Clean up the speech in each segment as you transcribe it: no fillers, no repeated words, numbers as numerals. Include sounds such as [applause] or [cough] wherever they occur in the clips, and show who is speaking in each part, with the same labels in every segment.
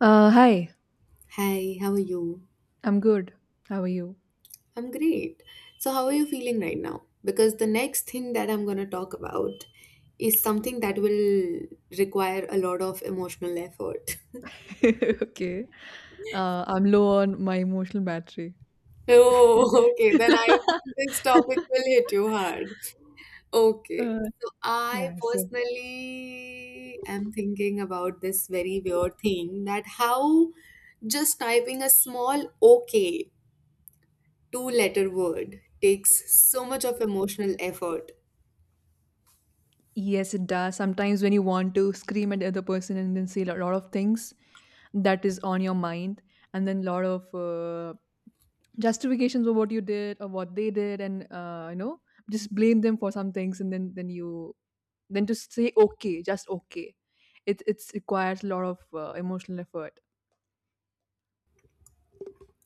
Speaker 1: Hi,
Speaker 2: Hi, how are you?
Speaker 1: I'm good. How are you?
Speaker 2: I'm great. So, how are you feeling right now? Because the next thing that I'm going to talk about is something that will require a lot of emotional effort. [laughs]
Speaker 1: [laughs] Okay. I'm low on my emotional battery.
Speaker 2: Oh, okay. Then I
Speaker 1: [laughs]
Speaker 2: think this topic will hit you hard. Okay.
Speaker 1: Uh,
Speaker 2: So, I
Speaker 1: yeah, so.
Speaker 2: personally am thinking about this very weird thing that how just typing a small okay two letter word takes so much of emotional effort.
Speaker 1: Yes, it does. Sometimes when you want to scream at the other person and then say a lot of things that is on your mind, and then a lot of justifications for what you did or what they did, and just blame them for some things, and then you then to say okay, just okay. It's requires a lot of emotional effort.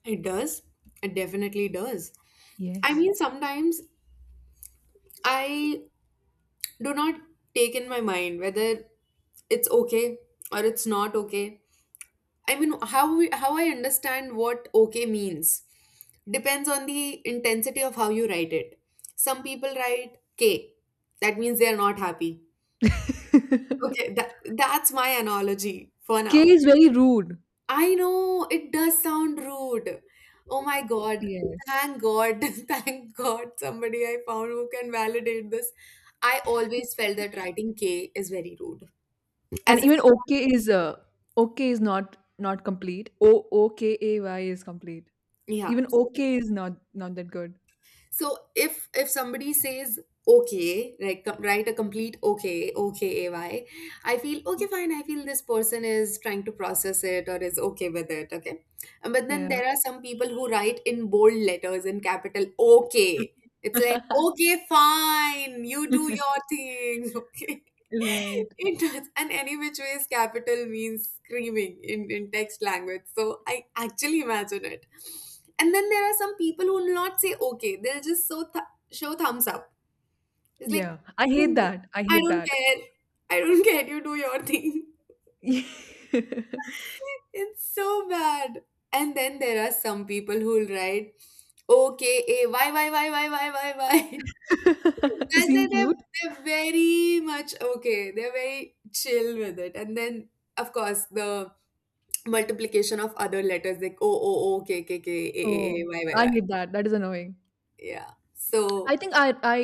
Speaker 2: It does. It definitely does. I
Speaker 1: Yes.
Speaker 2: mean, sometimes I do not take in my mind whether it's okay or it's not okay. I mean, how I understand what okay means depends on the intensity of how you write it. Some people write K. That means they are not happy. Okay,
Speaker 1: [laughs]
Speaker 2: that's my analogy for
Speaker 1: K
Speaker 2: now.
Speaker 1: is very rude.
Speaker 2: I know it does sound rude. Oh my God.
Speaker 1: Yes.
Speaker 2: Thank God. [laughs] Thank God somebody I found who can validate this. I always felt that writing K is very rude.
Speaker 1: And
Speaker 2: As if,
Speaker 1: even okay is not complete. O K A Y is complete.
Speaker 2: yeah.
Speaker 1: Even
Speaker 2: So,
Speaker 1: okay is not that good.
Speaker 2: so if somebody says okay, like write a complete okay, okay, ay, I feel okay, fine. I feel this person is trying to process it or is okay with it. Okay, but then
Speaker 1: Yeah.
Speaker 2: there are some people who write in bold letters in capital okay. It's like
Speaker 1: [laughs]
Speaker 2: okay, fine, you do your thing. [laughs] Okay.
Speaker 1: Right.
Speaker 2: It does, and any which ways, capital means screaming in text language. So I actually imagine it. And then there are some people who will not say okay. They'll just show thumbs up. It's like,
Speaker 1: Yeah. I hate
Speaker 2: cool.
Speaker 1: that. I
Speaker 2: I
Speaker 1: hate
Speaker 2: don't
Speaker 1: that.
Speaker 2: care. I don't [laughs] care. You do your thing.
Speaker 1: [laughs]
Speaker 2: [laughs] It's so bad. And then there are some people who will write, okay, eh, why, why. [laughs]
Speaker 1: To
Speaker 2: That's
Speaker 1: seem
Speaker 2: it.
Speaker 1: cute.
Speaker 2: They're very much okay. They're very chill with it. And then, of course, the multiplication of other letters like oh, oh, oh, okay, okay, okay, eh, eh, eh,
Speaker 1: Oh.
Speaker 2: why,
Speaker 1: I
Speaker 2: why.
Speaker 1: hate that. That is annoying.
Speaker 2: Yeah.
Speaker 1: I
Speaker 2: So,
Speaker 1: think I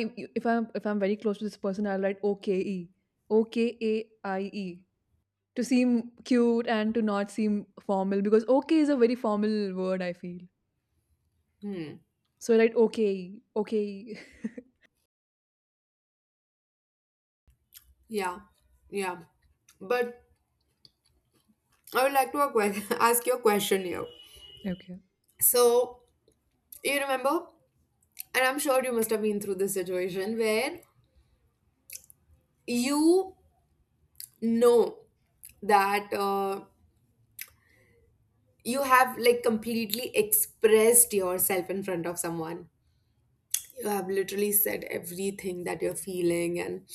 Speaker 1: if I'm very close to this person, I'll write OKE. OKAIE. To seem cute and to not seem formal because okay is a very formal word I feel.
Speaker 2: hmm.
Speaker 1: So right, okay, okay,
Speaker 2: Yeah, yeah. But I would like to [laughs] ask you a question here.
Speaker 1: [laughs] okay.
Speaker 2: So, you remember, and I'm sure you must have been through this situation where you know that you have like completely expressed yourself in front of someone. You have literally said everything that you're feeling, and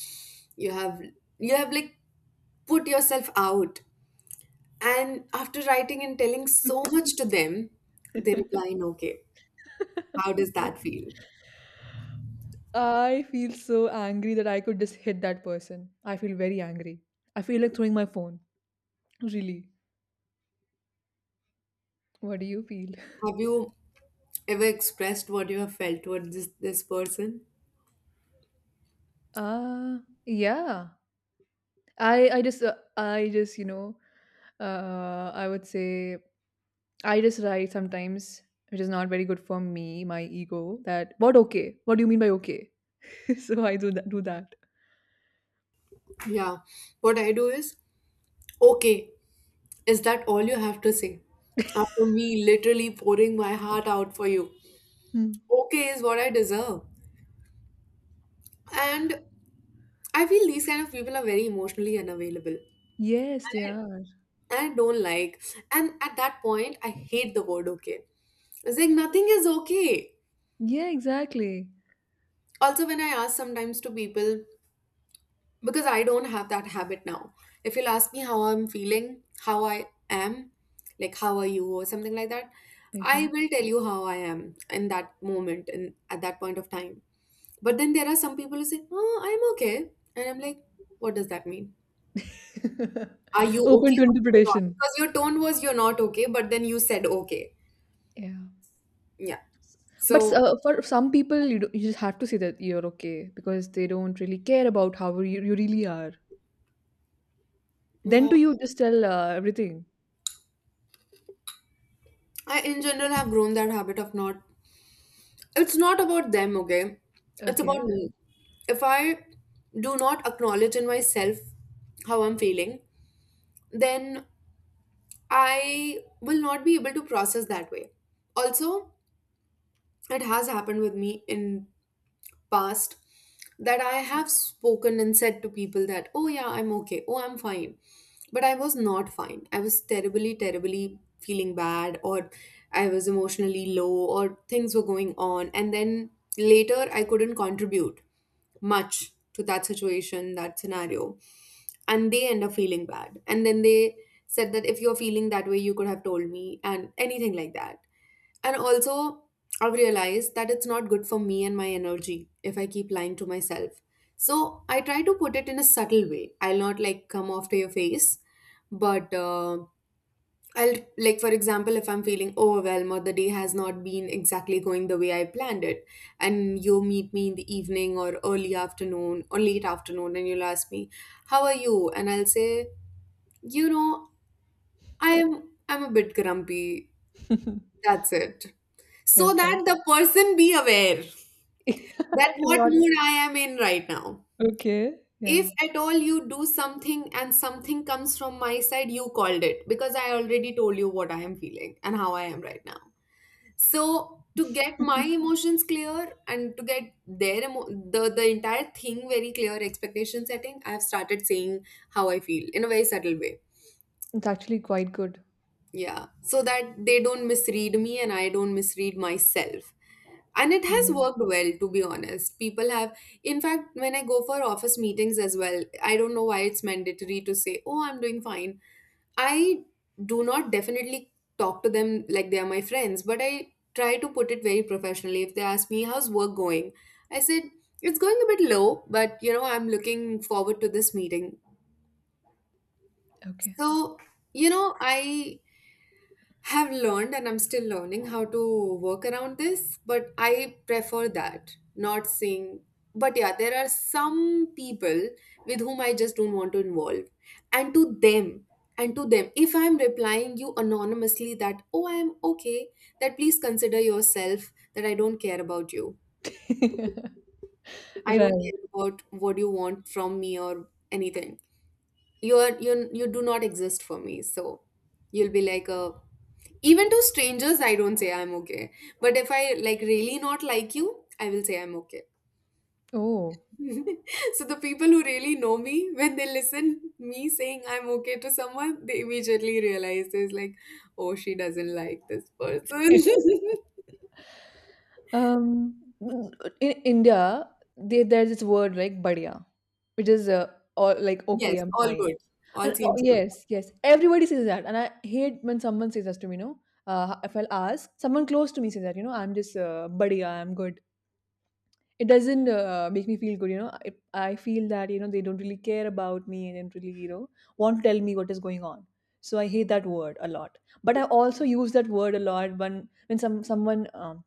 Speaker 2: you have you have like put yourself out. And after writing and telling so much to them, they reply,
Speaker 1: [laughs]
Speaker 2: "No, okay." How does that feel?
Speaker 1: I feel so angry that I could just hit that person. I feel very angry. I feel like throwing my phone. Really. What do you feel?
Speaker 2: Have you ever expressed what you have felt towards this person?
Speaker 1: Uh yeah. I I just uh, I just, you know, I would say I Just write sometimes which is not very good for me, my ego that what okay? What do you mean by okay? [laughs] So I do that.
Speaker 2: Yeah. What I do is, okay, is that all you have to say? After me literally pouring my heart out for you,
Speaker 1: Hmm.
Speaker 2: okay is what I deserve. And I feel these kind of people are very emotionally unavailable.
Speaker 1: Yes, they
Speaker 2: I,
Speaker 1: are.
Speaker 2: and I don't like, and at that point, I hate the word okay. It's like nothing is okay.
Speaker 1: Yeah, exactly.
Speaker 2: Also, when I ask sometimes to people, because I don't have that habit now. If you'll ask me how I'm feeling, how I am, like how are you or something like that, I
Speaker 1: Okay.
Speaker 2: will tell you how I am in that moment and at that point of time. But then there are some people who say, "Oh, I'm okay," and I'm like, "What does that mean? Are
Speaker 1: [laughs]
Speaker 2: you
Speaker 1: Open
Speaker 2: okay
Speaker 1: to
Speaker 2: or you're not?"
Speaker 1: interpretation.
Speaker 2: Because your tone was you're not okay, but then you said okay.
Speaker 1: Yeah.
Speaker 2: Yeah.
Speaker 1: But
Speaker 2: So
Speaker 1: for some people, you just have to say that you're okay because they don't really care about how you really are. Then
Speaker 2: yeah,
Speaker 1: do you just tell everything?
Speaker 2: I in general have grown that habit of not, it's not about them, okay, it's
Speaker 1: Okay.
Speaker 2: about me. If I do not acknowledge in myself how I'm feeling, then I will not be able to process that way. Also, it has happened with me in past that I have spoken and said to people that, oh yeah, I'm okay, oh, I'm fine. But I was not fine. I was terribly, terribly feeling bad, or I was emotionally low, or things were going on. And then later, I couldn't contribute much to that situation, that scenario. And they end up feeling bad. And then they said that if you're feeling that way, you could have told me, and anything like that. And also, I've realized that it's not good for me and my energy if I keep lying to myself. So I try to put it in a subtle way. I'll not like come off to your face, but I'll, like, for example, if I'm feeling overwhelmed or the day has not been exactly going the way I planned it, and you meet me in the evening or early afternoon or late afternoon, and you'll ask me, how are you? And I'll say, you know, I am, I'm a bit grumpy,
Speaker 1: [laughs]
Speaker 2: that's it. So
Speaker 1: Okay.
Speaker 2: that the person be aware that
Speaker 1: [laughs]
Speaker 2: what
Speaker 1: Not
Speaker 2: mood I am in right now.
Speaker 1: okay. Yeah.
Speaker 2: If at all you do something and something comes from my side, you called it because I already told you what I am feeling and how I am right now. So to get my
Speaker 1: [laughs]
Speaker 2: emotions clear and to get their the entire thing very clear, expectation setting, I have started saying how I feel in a very subtle way.
Speaker 1: It's actually quite good.
Speaker 2: Yeah, so that they don't misread me and I don't misread myself. And it has
Speaker 1: Yeah.
Speaker 2: worked well, to be honest. People have, in fact, when I go for office meetings as well, I don't know why it's mandatory to say, oh, I'm doing fine. I do not definitely talk to them like they are my friends, but I try to put it very professionally. If they ask me, how's work going? I said, it's going a bit low, but you know, I'm looking forward to this meeting.
Speaker 1: Okay.
Speaker 2: So, you know, I have learned and I'm still learning how to work around this, but I prefer that, not seeing. But yeah, there are some people with whom I just don't want to involve. And to them, and to them, if I'm replying you anonymously that, oh, I am okay, that please consider yourself that I don't care about you.
Speaker 1: [laughs]
Speaker 2: I
Speaker 1: Right.
Speaker 2: don't care about what you want from me or anything. You're you do not exist for me. So you'll be like a, even to strangers I don't say I'm okay, but if I like really not like you I will say I'm okay.
Speaker 1: Oh.
Speaker 2: [laughs] So the people who really know me, when they listen me saying I'm okay to someone, they immediately realize there's like, oh, she doesn't like this person.
Speaker 1: [laughs] Um, in India, there's this word like "badia," which is or like
Speaker 2: [laughs]
Speaker 1: "okay,
Speaker 2: Yes,
Speaker 1: I'm
Speaker 2: all
Speaker 1: fine."
Speaker 2: good, all
Speaker 1: And oh,
Speaker 2: seems good.
Speaker 1: yes, yes, everybody says that, and I hate when someone says that to me. No, if I'll ask someone close to me says that, I'm just "badia," I'm good. It doesn't make me feel good. I feel that they don't really care about me and don't really want to tell me what is going on. So I hate that word a lot. But I also use that word a lot when someone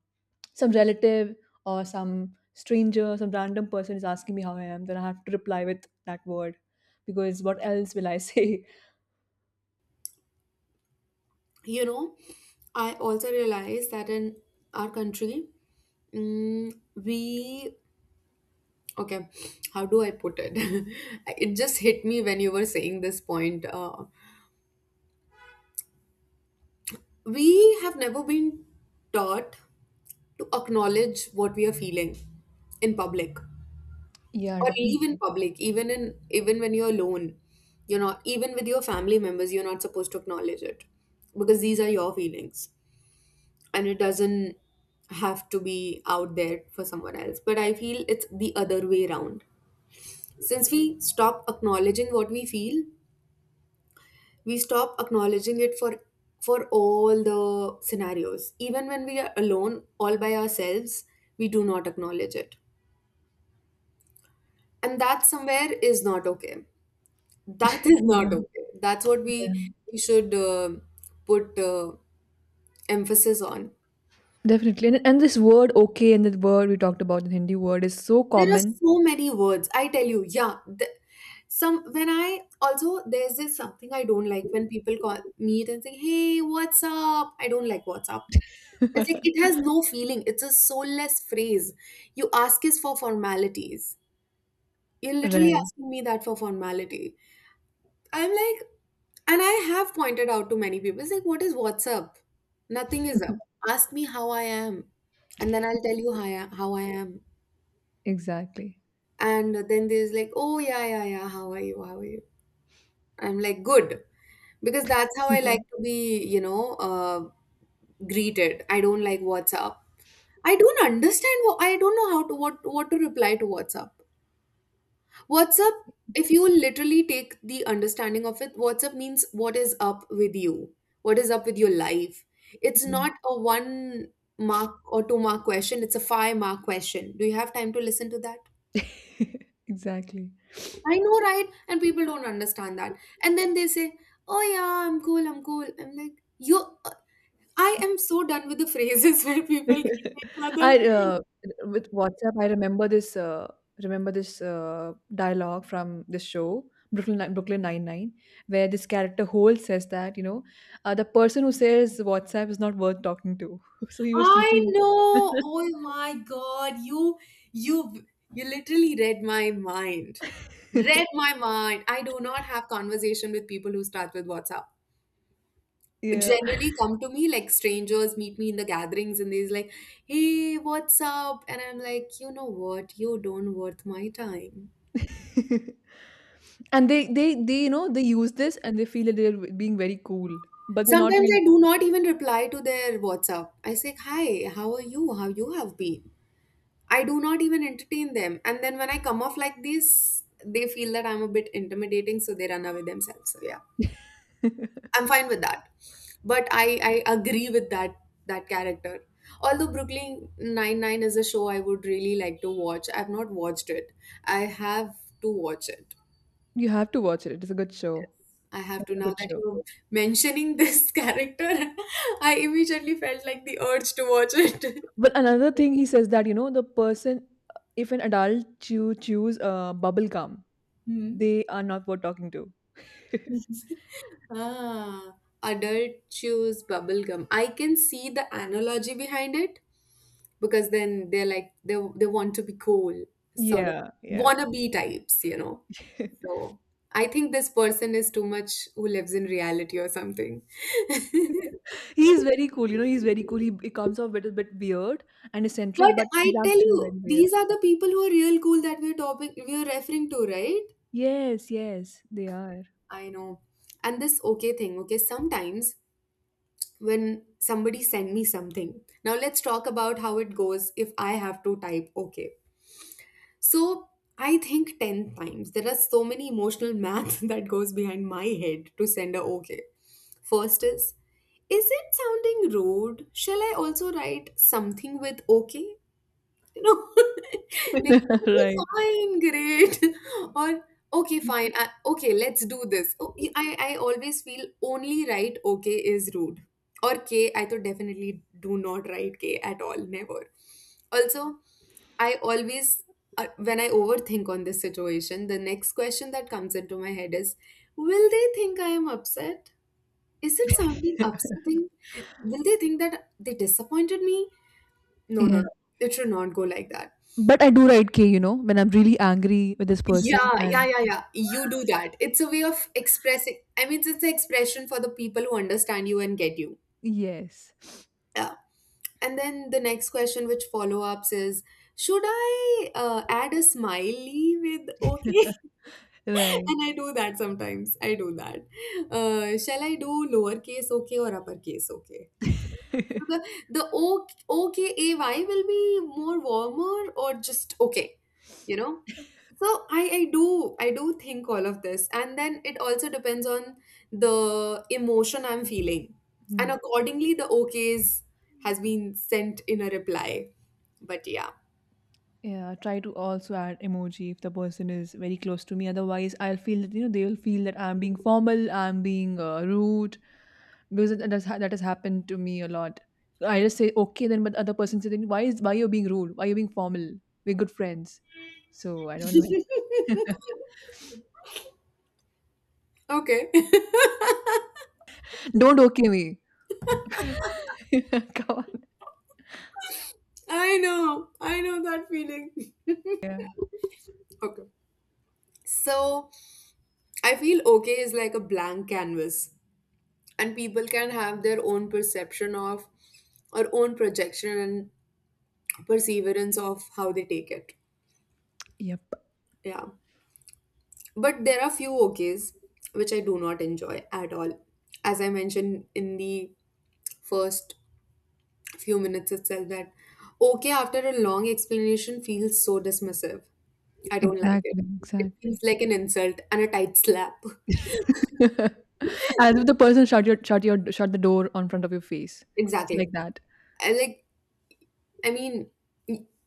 Speaker 1: some relative or some stranger, some random person is asking me how I am, then I have to reply with that word because what else will I say? [laughs]
Speaker 2: You know, I also realized that in our country, we, okay, how do I put it? [laughs] It just hit me when you were saying this point. We have never been taught to acknowledge what we are feeling in public
Speaker 1: Yeah,
Speaker 2: or leave in
Speaker 1: definitely.
Speaker 2: public, even in even when you're alone. You know, even with your family members, you're not supposed to acknowledge it because these are your feelings and it doesn't have to be out there for someone else. But I feel it's the other way around. Since we stop acknowledging what we feel, we stop acknowledging it for all the scenarios, even when we are alone all by ourselves, we do not acknowledge it. And that somewhere is not okay. That is
Speaker 1: Yeah,
Speaker 2: not okay. That's what we
Speaker 1: yeah.
Speaker 2: we should put emphasis on.
Speaker 1: Definitely. And this word okay and the word we talked about, the Hindi word, is so
Speaker 2: There are
Speaker 1: common.
Speaker 2: so many words, I tell you. Yeah, some, when I, also there's this something I don't like when people call meet and say, hey, what's up? I don't like what's up.
Speaker 1: [laughs]
Speaker 2: It's like it has no feeling. It's a soulless phrase. You ask is for formalities. You're literally
Speaker 1: Right.
Speaker 2: asking me that for formality. I'm like, and I have pointed out to many people, it's like, what's up? Nothing is up.
Speaker 1: [laughs]
Speaker 2: Ask me how I am, and then I'll tell you how I am.
Speaker 1: Exactly.
Speaker 2: And then there's like, oh yeah, yeah, yeah. How are you? How are you? I'm like, good, because that's how I like
Speaker 1: [laughs]
Speaker 2: to be, you know, greeted. I don't like whatsapp. I don't understand what I don't know how to, what to reply to whatsapp. Whatsapp, if you literally take the understanding of it, whatsapp means what is up with you, what is up with your life. It's
Speaker 1: Yeah.
Speaker 2: not a one mark or two mark question, it's a five mark question. Do you have time to listen to that?
Speaker 1: [laughs] Exactly.
Speaker 2: I know, right, and people don't understand that. And then they say, oh yeah, I'm cool, I'm cool. I'm like, you, I am so done with the phrases [laughs] where people greet
Speaker 1: [laughs]
Speaker 2: each other.
Speaker 1: I With WhatsApp, I remember this. Remember this dialogue from this show, Brooklyn Nine Nine, where this character Hole says that the person who says WhatsApp is not worth talking to. [laughs] So he was
Speaker 2: I
Speaker 1: teaching.
Speaker 2: know. Oh my God. You you literally read my mind. Read
Speaker 1: [laughs]
Speaker 2: my mind. I do not have conversation with people who start with WhatsApp.
Speaker 1: Yeah.
Speaker 2: Generally come to me like strangers meet me in the gatherings and they's like, "Hey, what's up?" And I'm like, "You know what? You don't worth my time."
Speaker 1: [laughs] And they use this and they feel that they're being very cool, but they're not
Speaker 2: Sometimes
Speaker 1: really.
Speaker 2: I do not even reply to their WhatsApp. I say, "Hi, how are you? How you have been?" I do not even entertain them. And then when I come off like this, they feel that I'm a bit intimidating, so they run away themselves. So yeah,
Speaker 1: Cool.
Speaker 2: I'm fine with that. But I agree with that character. Although Brooklyn Nine Nine is a show I would really like to watch. I've not watched it. I have to watch it.
Speaker 1: [laughs] You have to watch it. It's a good
Speaker 2: Yes.
Speaker 1: show.
Speaker 2: I have
Speaker 1: It's
Speaker 2: to
Speaker 1: a
Speaker 2: now
Speaker 1: good
Speaker 2: that
Speaker 1: show.
Speaker 2: you're mentioning this [laughs] character, I immediately felt like the urge to watch it.
Speaker 1: But another thing he says that the person, if an adult chews bubble gum, they are not worth talking to.
Speaker 2: [laughs] Ah,
Speaker 1: [laughs]
Speaker 2: adult chews bubble gum. I can see the analogy behind it because then they're like they want to be cool, sort of
Speaker 1: Yeah, yeah.
Speaker 2: wannabe types,
Speaker 1: [laughs]
Speaker 2: So I think this person is too much who lives in reality or something. [laughs]
Speaker 1: He's very cool. You know, he's very cool. He comes off a little bit weird and eccentric,
Speaker 2: But
Speaker 1: but he's
Speaker 2: I tell
Speaker 1: actually
Speaker 2: you,
Speaker 1: very weird.
Speaker 2: these are the people who are real cool that we're referring to, right?
Speaker 1: Yes, yes, they are.
Speaker 2: I know. And this okay thing, okay, sometimes when somebody send me something. Now let's talk about how it goes if I have to type okay. So I think 10 times. There are so many emotional math [laughs] that goes behind my head to send a okay. First is it sounding rude? Shall I also write something with okay? You know, [laughs] like, okay,
Speaker 1: [laughs] Right.
Speaker 2: fine, great. [laughs] Or, okay, fine. I, okay, let's do this. Oh, I always feel only right okay is rude. Or K, I thought definitely do not write K at all, never. Also, I always, when I overthink on this situation, the next question that comes into my head is, will they think I am upset? Is it something upsetting? Will they think that they disappointed me? No, no,
Speaker 1: Yeah.
Speaker 2: no. It should not go like that.
Speaker 1: But I do write K, when I'm really angry with this person
Speaker 2: Yeah, yeah,
Speaker 1: and
Speaker 2: yeah, yeah. You do that. It's a way of expressing. I mean, it's an expression for the people who understand you and get you.
Speaker 1: Yes. [laughs]
Speaker 2: Yeah. And then the next question, which follow ups, is should I add a smiley with okay? [laughs]
Speaker 1: Right.
Speaker 2: And I do that sometimes. I do that. Shall I do lowercase okay or uppercase okay? Okay. So the
Speaker 1: [laughs]
Speaker 2: the o okay ay will be more warmer or just okay, you know? So I do think all of this, and then it also depends on the emotion I'm feeling. And
Speaker 1: Hmm.
Speaker 2: accordingly the OKs has been sent in a reply. But yeah.
Speaker 1: Yeah, try to also add emoji if the person is very close to me. Otherwise, I'll feel that they will feel that I'm being formal, I'm being rude, because that has happened to me a lot. I just say okay, then but other person says, then why you're being rude? Why you're being formal? We're good friends, so I don't like.
Speaker 2: Okay. [laughs]
Speaker 1: [laughs] Don't okay me. [laughs] Come on.
Speaker 2: I know. I know that feeling. [laughs]
Speaker 1: Yeah.
Speaker 2: Okay. So I feel okay is like a blank canvas and people can have their own perception of or own projection and perseverance of how they take it.
Speaker 1: Yep.
Speaker 2: Yeah. But there are few OKs which I do not enjoy at all. As I mentioned in the first few minutes itself, that OK after a long explanation feels so dismissive. I don't like it.
Speaker 1: Exactly,
Speaker 2: It
Speaker 1: exactly.
Speaker 2: feels like an insult and a tight slap. [laughs]
Speaker 1: [laughs] As if the person shut the door on front of your face. It's
Speaker 2: Exactly.
Speaker 1: like that.
Speaker 2: I like, I mean,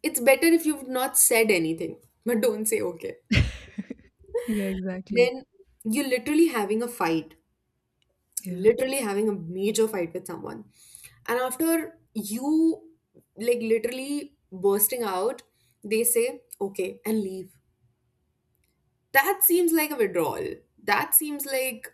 Speaker 2: it's better if you've not said anything, but don't say OK.
Speaker 1: [laughs] Yeah, exactly.
Speaker 2: Then you're literally having a fight.
Speaker 1: Yeah.
Speaker 2: Literally having a major fight with someone, and after you like literally bursting out, they say okay and leave. That seems like a withdrawal, that seems like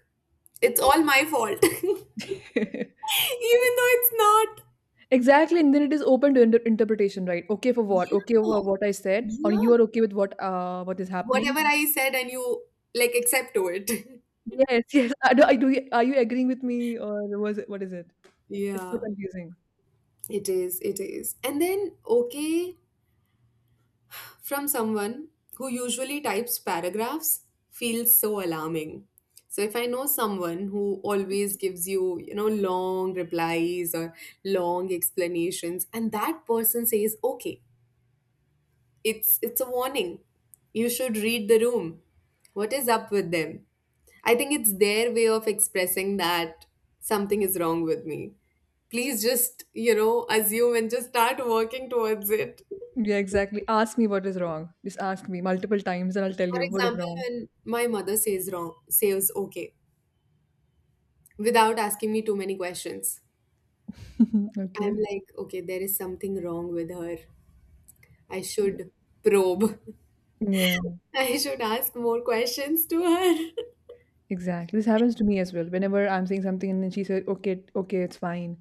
Speaker 2: it's all my fault [laughs] even
Speaker 1: [laughs]
Speaker 2: though it's not.
Speaker 1: Exactly, and then it is open to interpretation, right? Okay for what? Okay for
Speaker 2: Yeah,
Speaker 1: what I said, or
Speaker 2: yeah.
Speaker 1: you are okay with what is happening?
Speaker 2: Whatever I said and you like accept to it. [laughs]
Speaker 1: Yes, yes. [laughs] I do, I do. Are you agreeing with me, or was it what is it? It's so
Speaker 2: Yeah,
Speaker 1: confusing.
Speaker 2: it is and then okay from someone who usually types paragraphs feels so alarming. So if I know someone who always gives you, you know, long replies or long explanations and that person says, "Okay, it's a warning. You should read the room." What is up with them? I think it's their way of expressing that something is wrong with me. Please just, you know, assume and just start working towards it.
Speaker 1: Yeah, exactly. Ask me what is wrong. Just ask me multiple times and I'll tell
Speaker 2: For
Speaker 1: you what is
Speaker 2: example,
Speaker 1: wrong.
Speaker 2: when my mother says okay, without asking me too many questions,
Speaker 1: [laughs]
Speaker 2: I'm
Speaker 1: Okay.
Speaker 2: like, okay, there is something wrong with her. I
Speaker 1: Ye-
Speaker 2: should probe.
Speaker 1: Yeah,
Speaker 2: [laughs] I should ask more questions to her.
Speaker 1: exactly. This happens to me as well. Whenever I'm saying something and then she said, "Okay, okay, it's fine."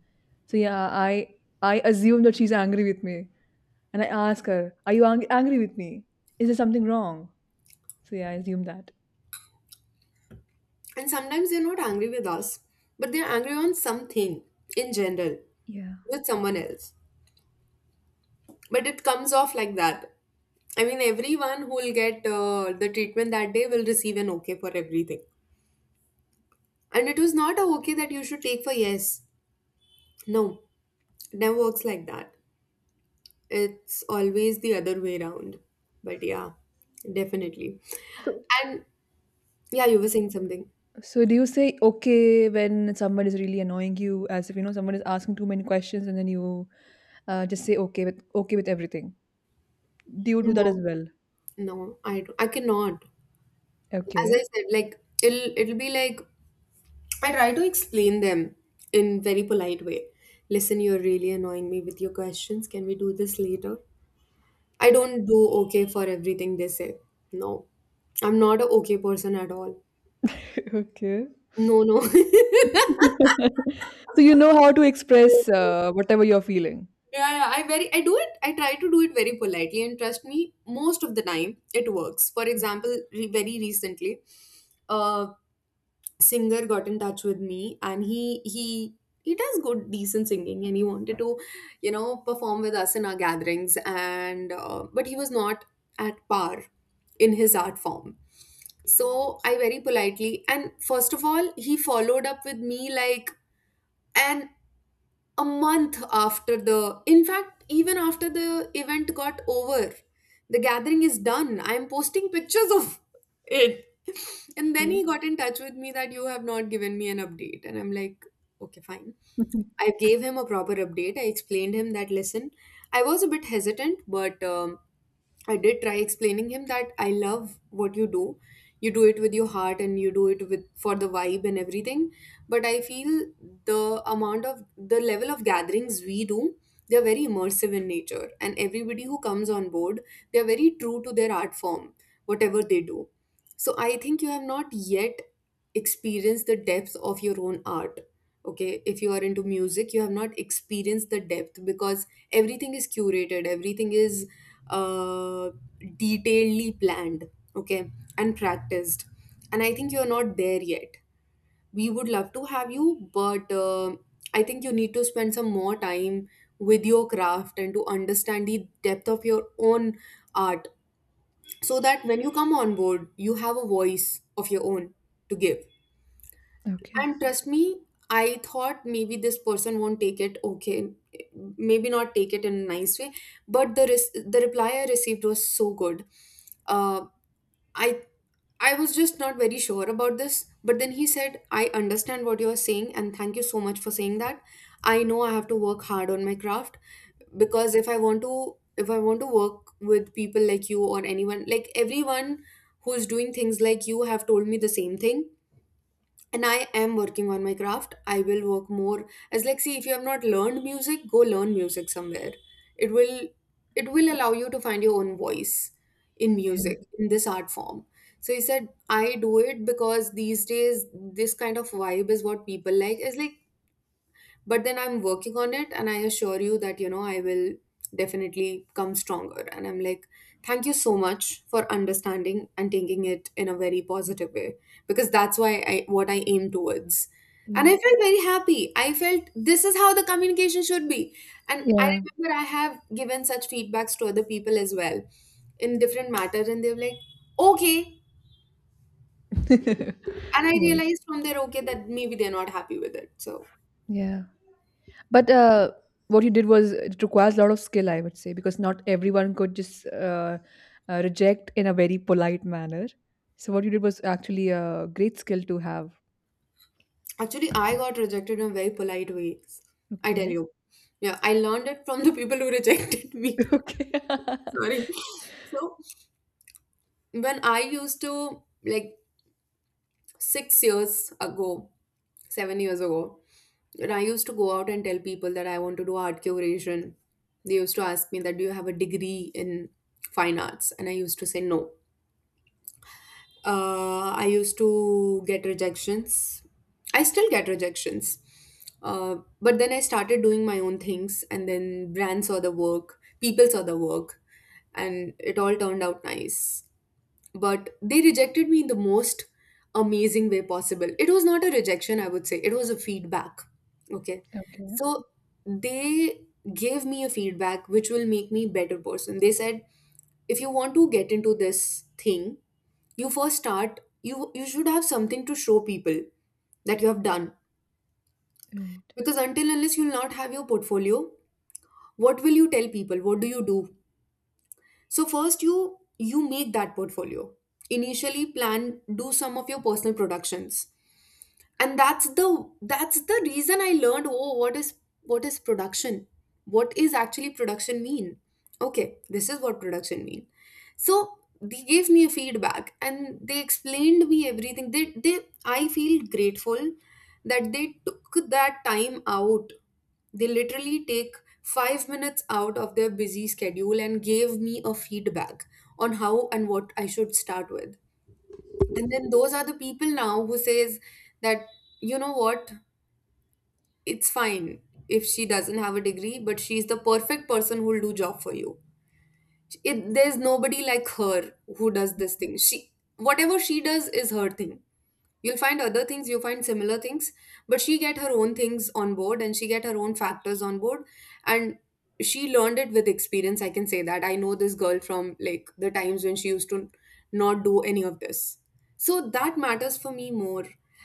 Speaker 1: So yeah, I assume that she's angry with me, and I ask her, "Are you angry with me? Is there something wrong?" So yeah, I assume that.
Speaker 2: [laughs] And sometimes they're not angry with us, but they're angry on something in general
Speaker 1: Yeah.
Speaker 2: with someone else. But it comes off like that. I mean, everyone who will get the treatment that day will receive an okay for everything. And it was not a okay that you should take for yes. No. It never works like that. It's always the other way around. But yeah, definitely.
Speaker 1: So
Speaker 2: And yeah, you were saying something.
Speaker 1: so do you say okay when someone is really annoying you, as if you know someone is asking too many questions, and then you just say okay with everything? Do you do that as
Speaker 2: No,
Speaker 1: well?
Speaker 2: no, I don't- I cannot. As I
Speaker 1: Okay.
Speaker 2: said, like it'll be like I try to explain them in very polite way. Listen, you're really annoying me with your questions. Can we do this later? I don't do okay for everything they say. No, I'm not a okay person at all.
Speaker 1: [laughs] Okay.
Speaker 2: No, no.
Speaker 1: [laughs] So you know how to express
Speaker 2: [laughs]
Speaker 1: whatever you're feeling.
Speaker 2: Yeah, yeah, I do it. I try to do it very politely, and trust me, most of the time it works. For example, very recently, a singer got in touch with me, and he he does good decent singing, and he wanted to, you know, perform with us in our gatherings, and but he was not at par in his art form. So I very politely, and first of all, he followed up with me like, and a month after the in fact even after the event got over, the gathering is done, I am posting pictures of it. [laughs] And then
Speaker 1: Okay.
Speaker 2: he got in touch with me that you have not given me an update, and I'm like, okay, fine.
Speaker 1: [laughs]
Speaker 2: I gave him a proper update. I explained him that listen, I was a bit hesitant, but I did try explaining him that I love what you do. You do it with your heart and you do it with for the vibe and everything. But I feel the level of gatherings we do, they're very immersive in nature. And everybody who comes on board, they're very true to their art form, whatever they do. So I think you have not yet experienced the depth of your own art. Okay, if you are into music, you have not experienced the depth because everything is curated, everything is uh, detailedly planned, okay, and practiced, and I think you're not there yet. We would love to have you, but I think you need to spend some more time with your craft and to understand the depth of your own art, so that when you come on board you have a voice of your own to give.
Speaker 1: Okay.
Speaker 2: And trust me, I thought maybe this person won't take it okay, maybe not take it in a nice way, but the reply I received was so good. Uh, I I was just not very sure about this, but then he said, "I understand what you're saying, and thank you so much for saying that. I know I have to work hard on my craft because if I want to work with people like you or anyone, like everyone who's doing things like you, have told me the same thing, and I am working on my craft. I will work more, as like see if you have not learned music, go learn music somewhere. It will it will allow you to find your own voice in music, in this art form." So he said, "I do it because these days this kind of vibe is what people like. But then I'm working on it, and I assure you that, you know, I will definitely come stronger." And I'm like, "Thank you so much for understanding and taking it in a very positive way, because that's why I what I aim towards."
Speaker 1: Yeah.
Speaker 2: And
Speaker 1: Yeah.
Speaker 2: I felt very happy. I felt this is how the communication should be. And I
Speaker 1: Yeah.
Speaker 2: remember I have given such feedbacks to other people as well in different matters, and they're like, okay.
Speaker 1: [laughs]
Speaker 2: And I
Speaker 1: Yeah.
Speaker 2: realized from their okay that maybe they're not happy with it. So
Speaker 1: Yeah. But What you did was it requires a lot of skill, I would say, because not everyone could just reject in a very polite manner. So what you did was actually a great skill to have.
Speaker 2: actually, I got rejected in a very polite way. I tell
Speaker 1: Okay.
Speaker 2: you. Yeah, I learned it from the people who rejected me.
Speaker 1: [laughs] Okay.
Speaker 2: [laughs]
Speaker 1: [laughs]
Speaker 2: Sorry. So, when I used to, like, 6 years ago, 7 years ago, when I used to go out and tell people that I want to do art curation, they used to ask me that, do you have a degree in fine arts? And I used to say no. I used to get rejections. I still get rejections. But then I started doing my own things, and then brands saw the work, people saw the work, and it all turned out nice. But they rejected me in the most amazing way possible. It was not a rejection, I would say, it was a feedback. Okay.
Speaker 1: Okay.
Speaker 2: So they gave me a feedback which will make me better person. They said, if you want to get into this thing, you first start you you should have something to show people that you have done,
Speaker 1: Right.
Speaker 2: because until unless you'll not have your portfolio, what will you tell people what do you do? So first you make that portfolio, initially plan, do some of your personal productions. And that's the reason I learned, oh, what is production, what is actually production mean? Okay, this is what production mean. So they gave me a feedback and they explained me everything. They I feel grateful that they took that time out. They literally take 5 minutes out of their busy schedule and gave me a feedback on how and what I should start with. And then those are the people now who says that, you know what, it's fine, if she doesn't have a degree, but she's the perfect person who'll do job for you. There's nobody like her who does this thing. She, whatever she does is her thing. You'll find other things, you'll find similar things, but she get her own things on board and she get her own factors on board. And she learned it with experience. I can say that I know this girl from like the times when she used to not do any of this. So that matters for me more.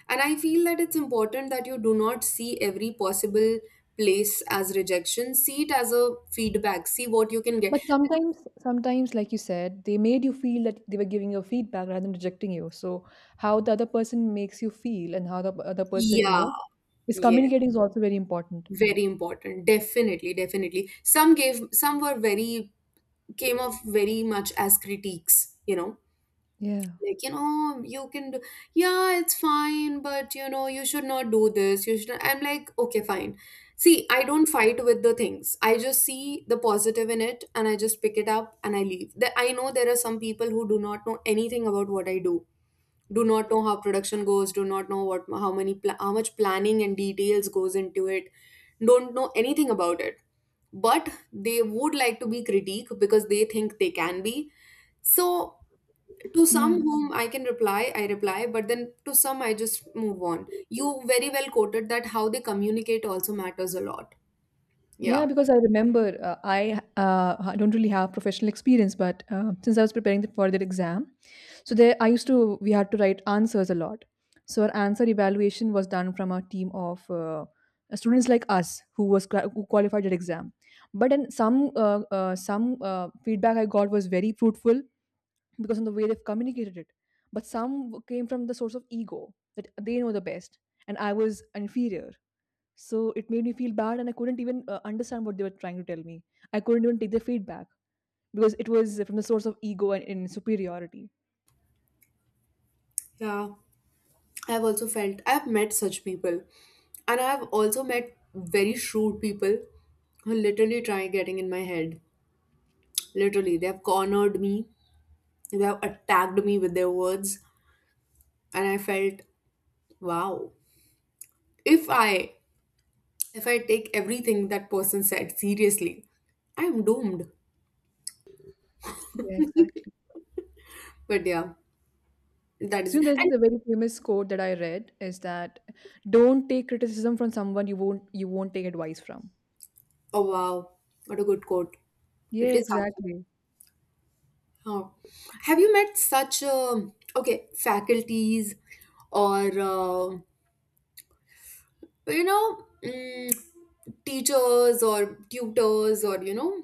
Speaker 2: And I feel that it's important that you do not see every possible place as rejection. See it as a feedback. See what you can get.
Speaker 1: But sometimes, like you said, they made you feel that they were giving you feedback rather than rejecting you. So how the other person makes you feel and how the other person,
Speaker 2: Yeah,
Speaker 1: is
Speaker 2: yeah,
Speaker 1: communicating is also very important.
Speaker 2: very important. Definitely, definitely. Some gave, some were very, came off very much as critiques, you know,
Speaker 1: Yeah.
Speaker 2: like, you know, you can do, yeah, it's fine, but you know, you should not do this. You should, not-" I'm like, okay, fine. See, I don't fight with the things. I just see the positive in it and I just pick it up and I leave. That I know there are some people who do not know anything about what I do, do not know how production goes, do not know what how many pla- how much planning and details goes into it. Don't know anything about it, but they would like to be critique because they think they can be. So to some
Speaker 1: Yeah.
Speaker 2: whom I can reply, I reply, but then to some I just move on. You very well quoted that how they communicate also matters a lot.
Speaker 1: Yeah,
Speaker 2: Yeah,
Speaker 1: because I remember uh, I I don't really have professional experience, but since I was preparing for that exam. So there, I used to we had to write answers a lot. So our answer evaluation was done from a team of students like us who qualified that exam. But then some feedback I got was very fruitful because of the way they've communicated it. But some came from the source of ego that they know the best and I was inferior. So it made me feel bad and I couldn't even understand what they were trying to tell me. I couldn't even take the feedback because it was from the source of ego and superiority.
Speaker 2: yeah, I've also felt, I've met such people, and I've also met very shrewd people who literally try getting in my head. Literally, they've cornered me, they've attacked me with their words, and I felt, wow. If I if I take everything that person said seriously, I am doomed.
Speaker 1: Yeah, exactly.
Speaker 2: But yeah, that is
Speaker 1: So there's
Speaker 2: and
Speaker 1: a very famous quote that I read is that don't take criticism from someone you won't take advice from.
Speaker 2: oh wow, what a good quote. It
Speaker 1: Yeah,
Speaker 2: is actually.
Speaker 1: exactly.
Speaker 2: Oh. Have you met such okay faculties or you know? Teachers or tutors or, you know,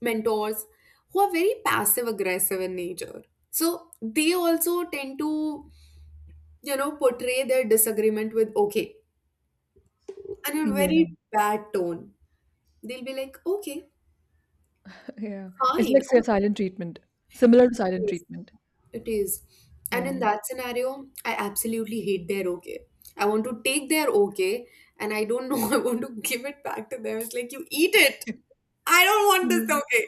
Speaker 2: mentors who are very passive aggressive in nature, so they also tend to, you know, portray their disagreement with okay and a very
Speaker 1: Yeah,
Speaker 2: bad tone. They'll be like okay,
Speaker 1: [laughs] yeah. It's
Speaker 2: fine,
Speaker 1: like say,
Speaker 2: okay,
Speaker 1: silent treatment, similar
Speaker 2: it
Speaker 1: to silent
Speaker 2: is,
Speaker 1: treatment.
Speaker 2: it is. And
Speaker 1: Yeah.
Speaker 2: in that scenario, I absolutely hate their okay. I want to take their okay, and I don't know, [laughs] I want to give it back to them. It's like, you eat it, I don't want this
Speaker 1: Mm.
Speaker 2: okay.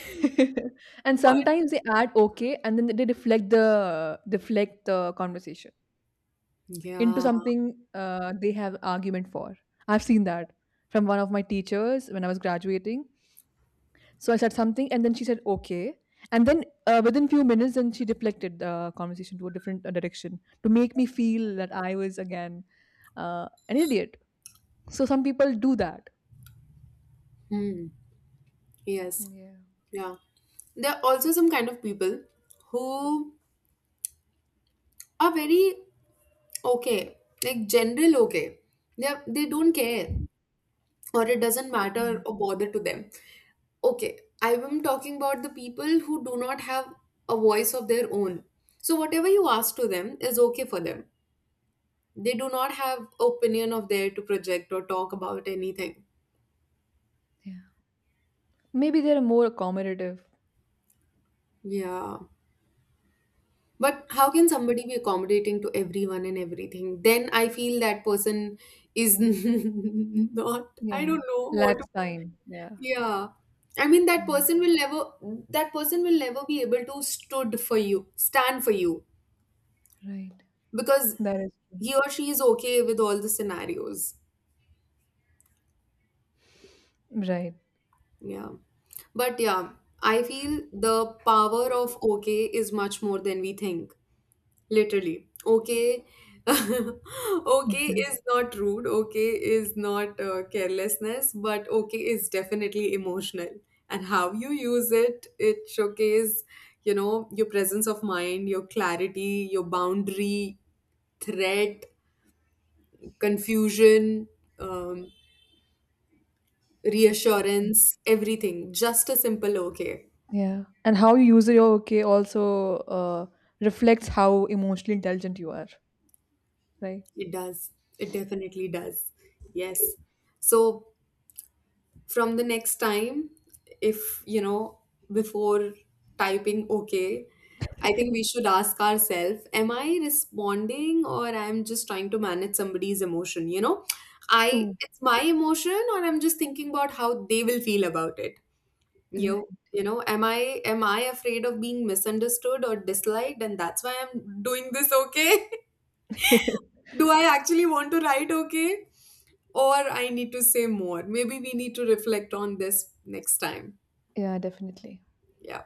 Speaker 1: [laughs] And
Speaker 2: But
Speaker 1: sometimes they add okay, and then they deflect the conversation into
Speaker 2: yeah.
Speaker 1: something they have argument for. I've seen that from one of my teachers when I was graduating. So I said something, and then she said, okay. And then within few minutes, then she deflected the conversation to a different direction to make me feel that I was again an idiot. So some people do that.
Speaker 2: Mm, yes,
Speaker 1: Yeah.
Speaker 2: yeah. There are also some kind of people who are very okay, like general okay. They are- they don't care, or it doesn't matter
Speaker 1: Mm.
Speaker 2: or bother to them. Okay, I am talking about the people who do not have a voice of their own. So whatever you ask to them is okay for them. They do not have opinion of their to project or talk about anything.
Speaker 1: Yeah. Maybe they're more accommodative.
Speaker 2: Yeah. But how can somebody be accommodating to everyone and everything? Then I feel that person is [laughs] not, I
Speaker 1: Yeah.
Speaker 2: don't know what, to,
Speaker 1: Lacks time. Yeah,
Speaker 2: yeah. I mean, that
Speaker 1: yeah.
Speaker 2: person will never, that person will never be able to stood for you, stand for you,
Speaker 1: Right.
Speaker 2: because
Speaker 1: That is true.
Speaker 2: he or she is okay with all the scenarios.
Speaker 1: Right.
Speaker 2: Yeah. But yeah, I feel the power of okay is much more than we think. Literally. Okay. [laughs] Okay
Speaker 1: Exactly.
Speaker 2: is not rude. Okay is not carelessness, but okay is definitely emotional. And how you use it, it showcases, you know, your presence of mind, your clarity, your boundary, threat, confusion, um, reassurance, everything. Just a simple okay.
Speaker 1: Yeah. And how you use your okay also reflects how emotionally intelligent you are, right?
Speaker 2: It does. It definitely does. Yes. So from the next time, if you know, before typing okay, I think we should ask ourselves, am I responding or I'm just trying to manage somebody's emotion? You know, I
Speaker 1: Oh.
Speaker 2: it's my emotion or I'm just thinking about how they will feel about it. you
Speaker 1: Right.
Speaker 2: you know, am I afraid of being misunderstood or disliked, and that's why I'm doing this okay?
Speaker 1: [laughs]
Speaker 2: [laughs] Do I actually want to write okay, or I need to say more? Maybe we need to reflect on this next time.
Speaker 1: Yeah, definitely.
Speaker 2: Yeah.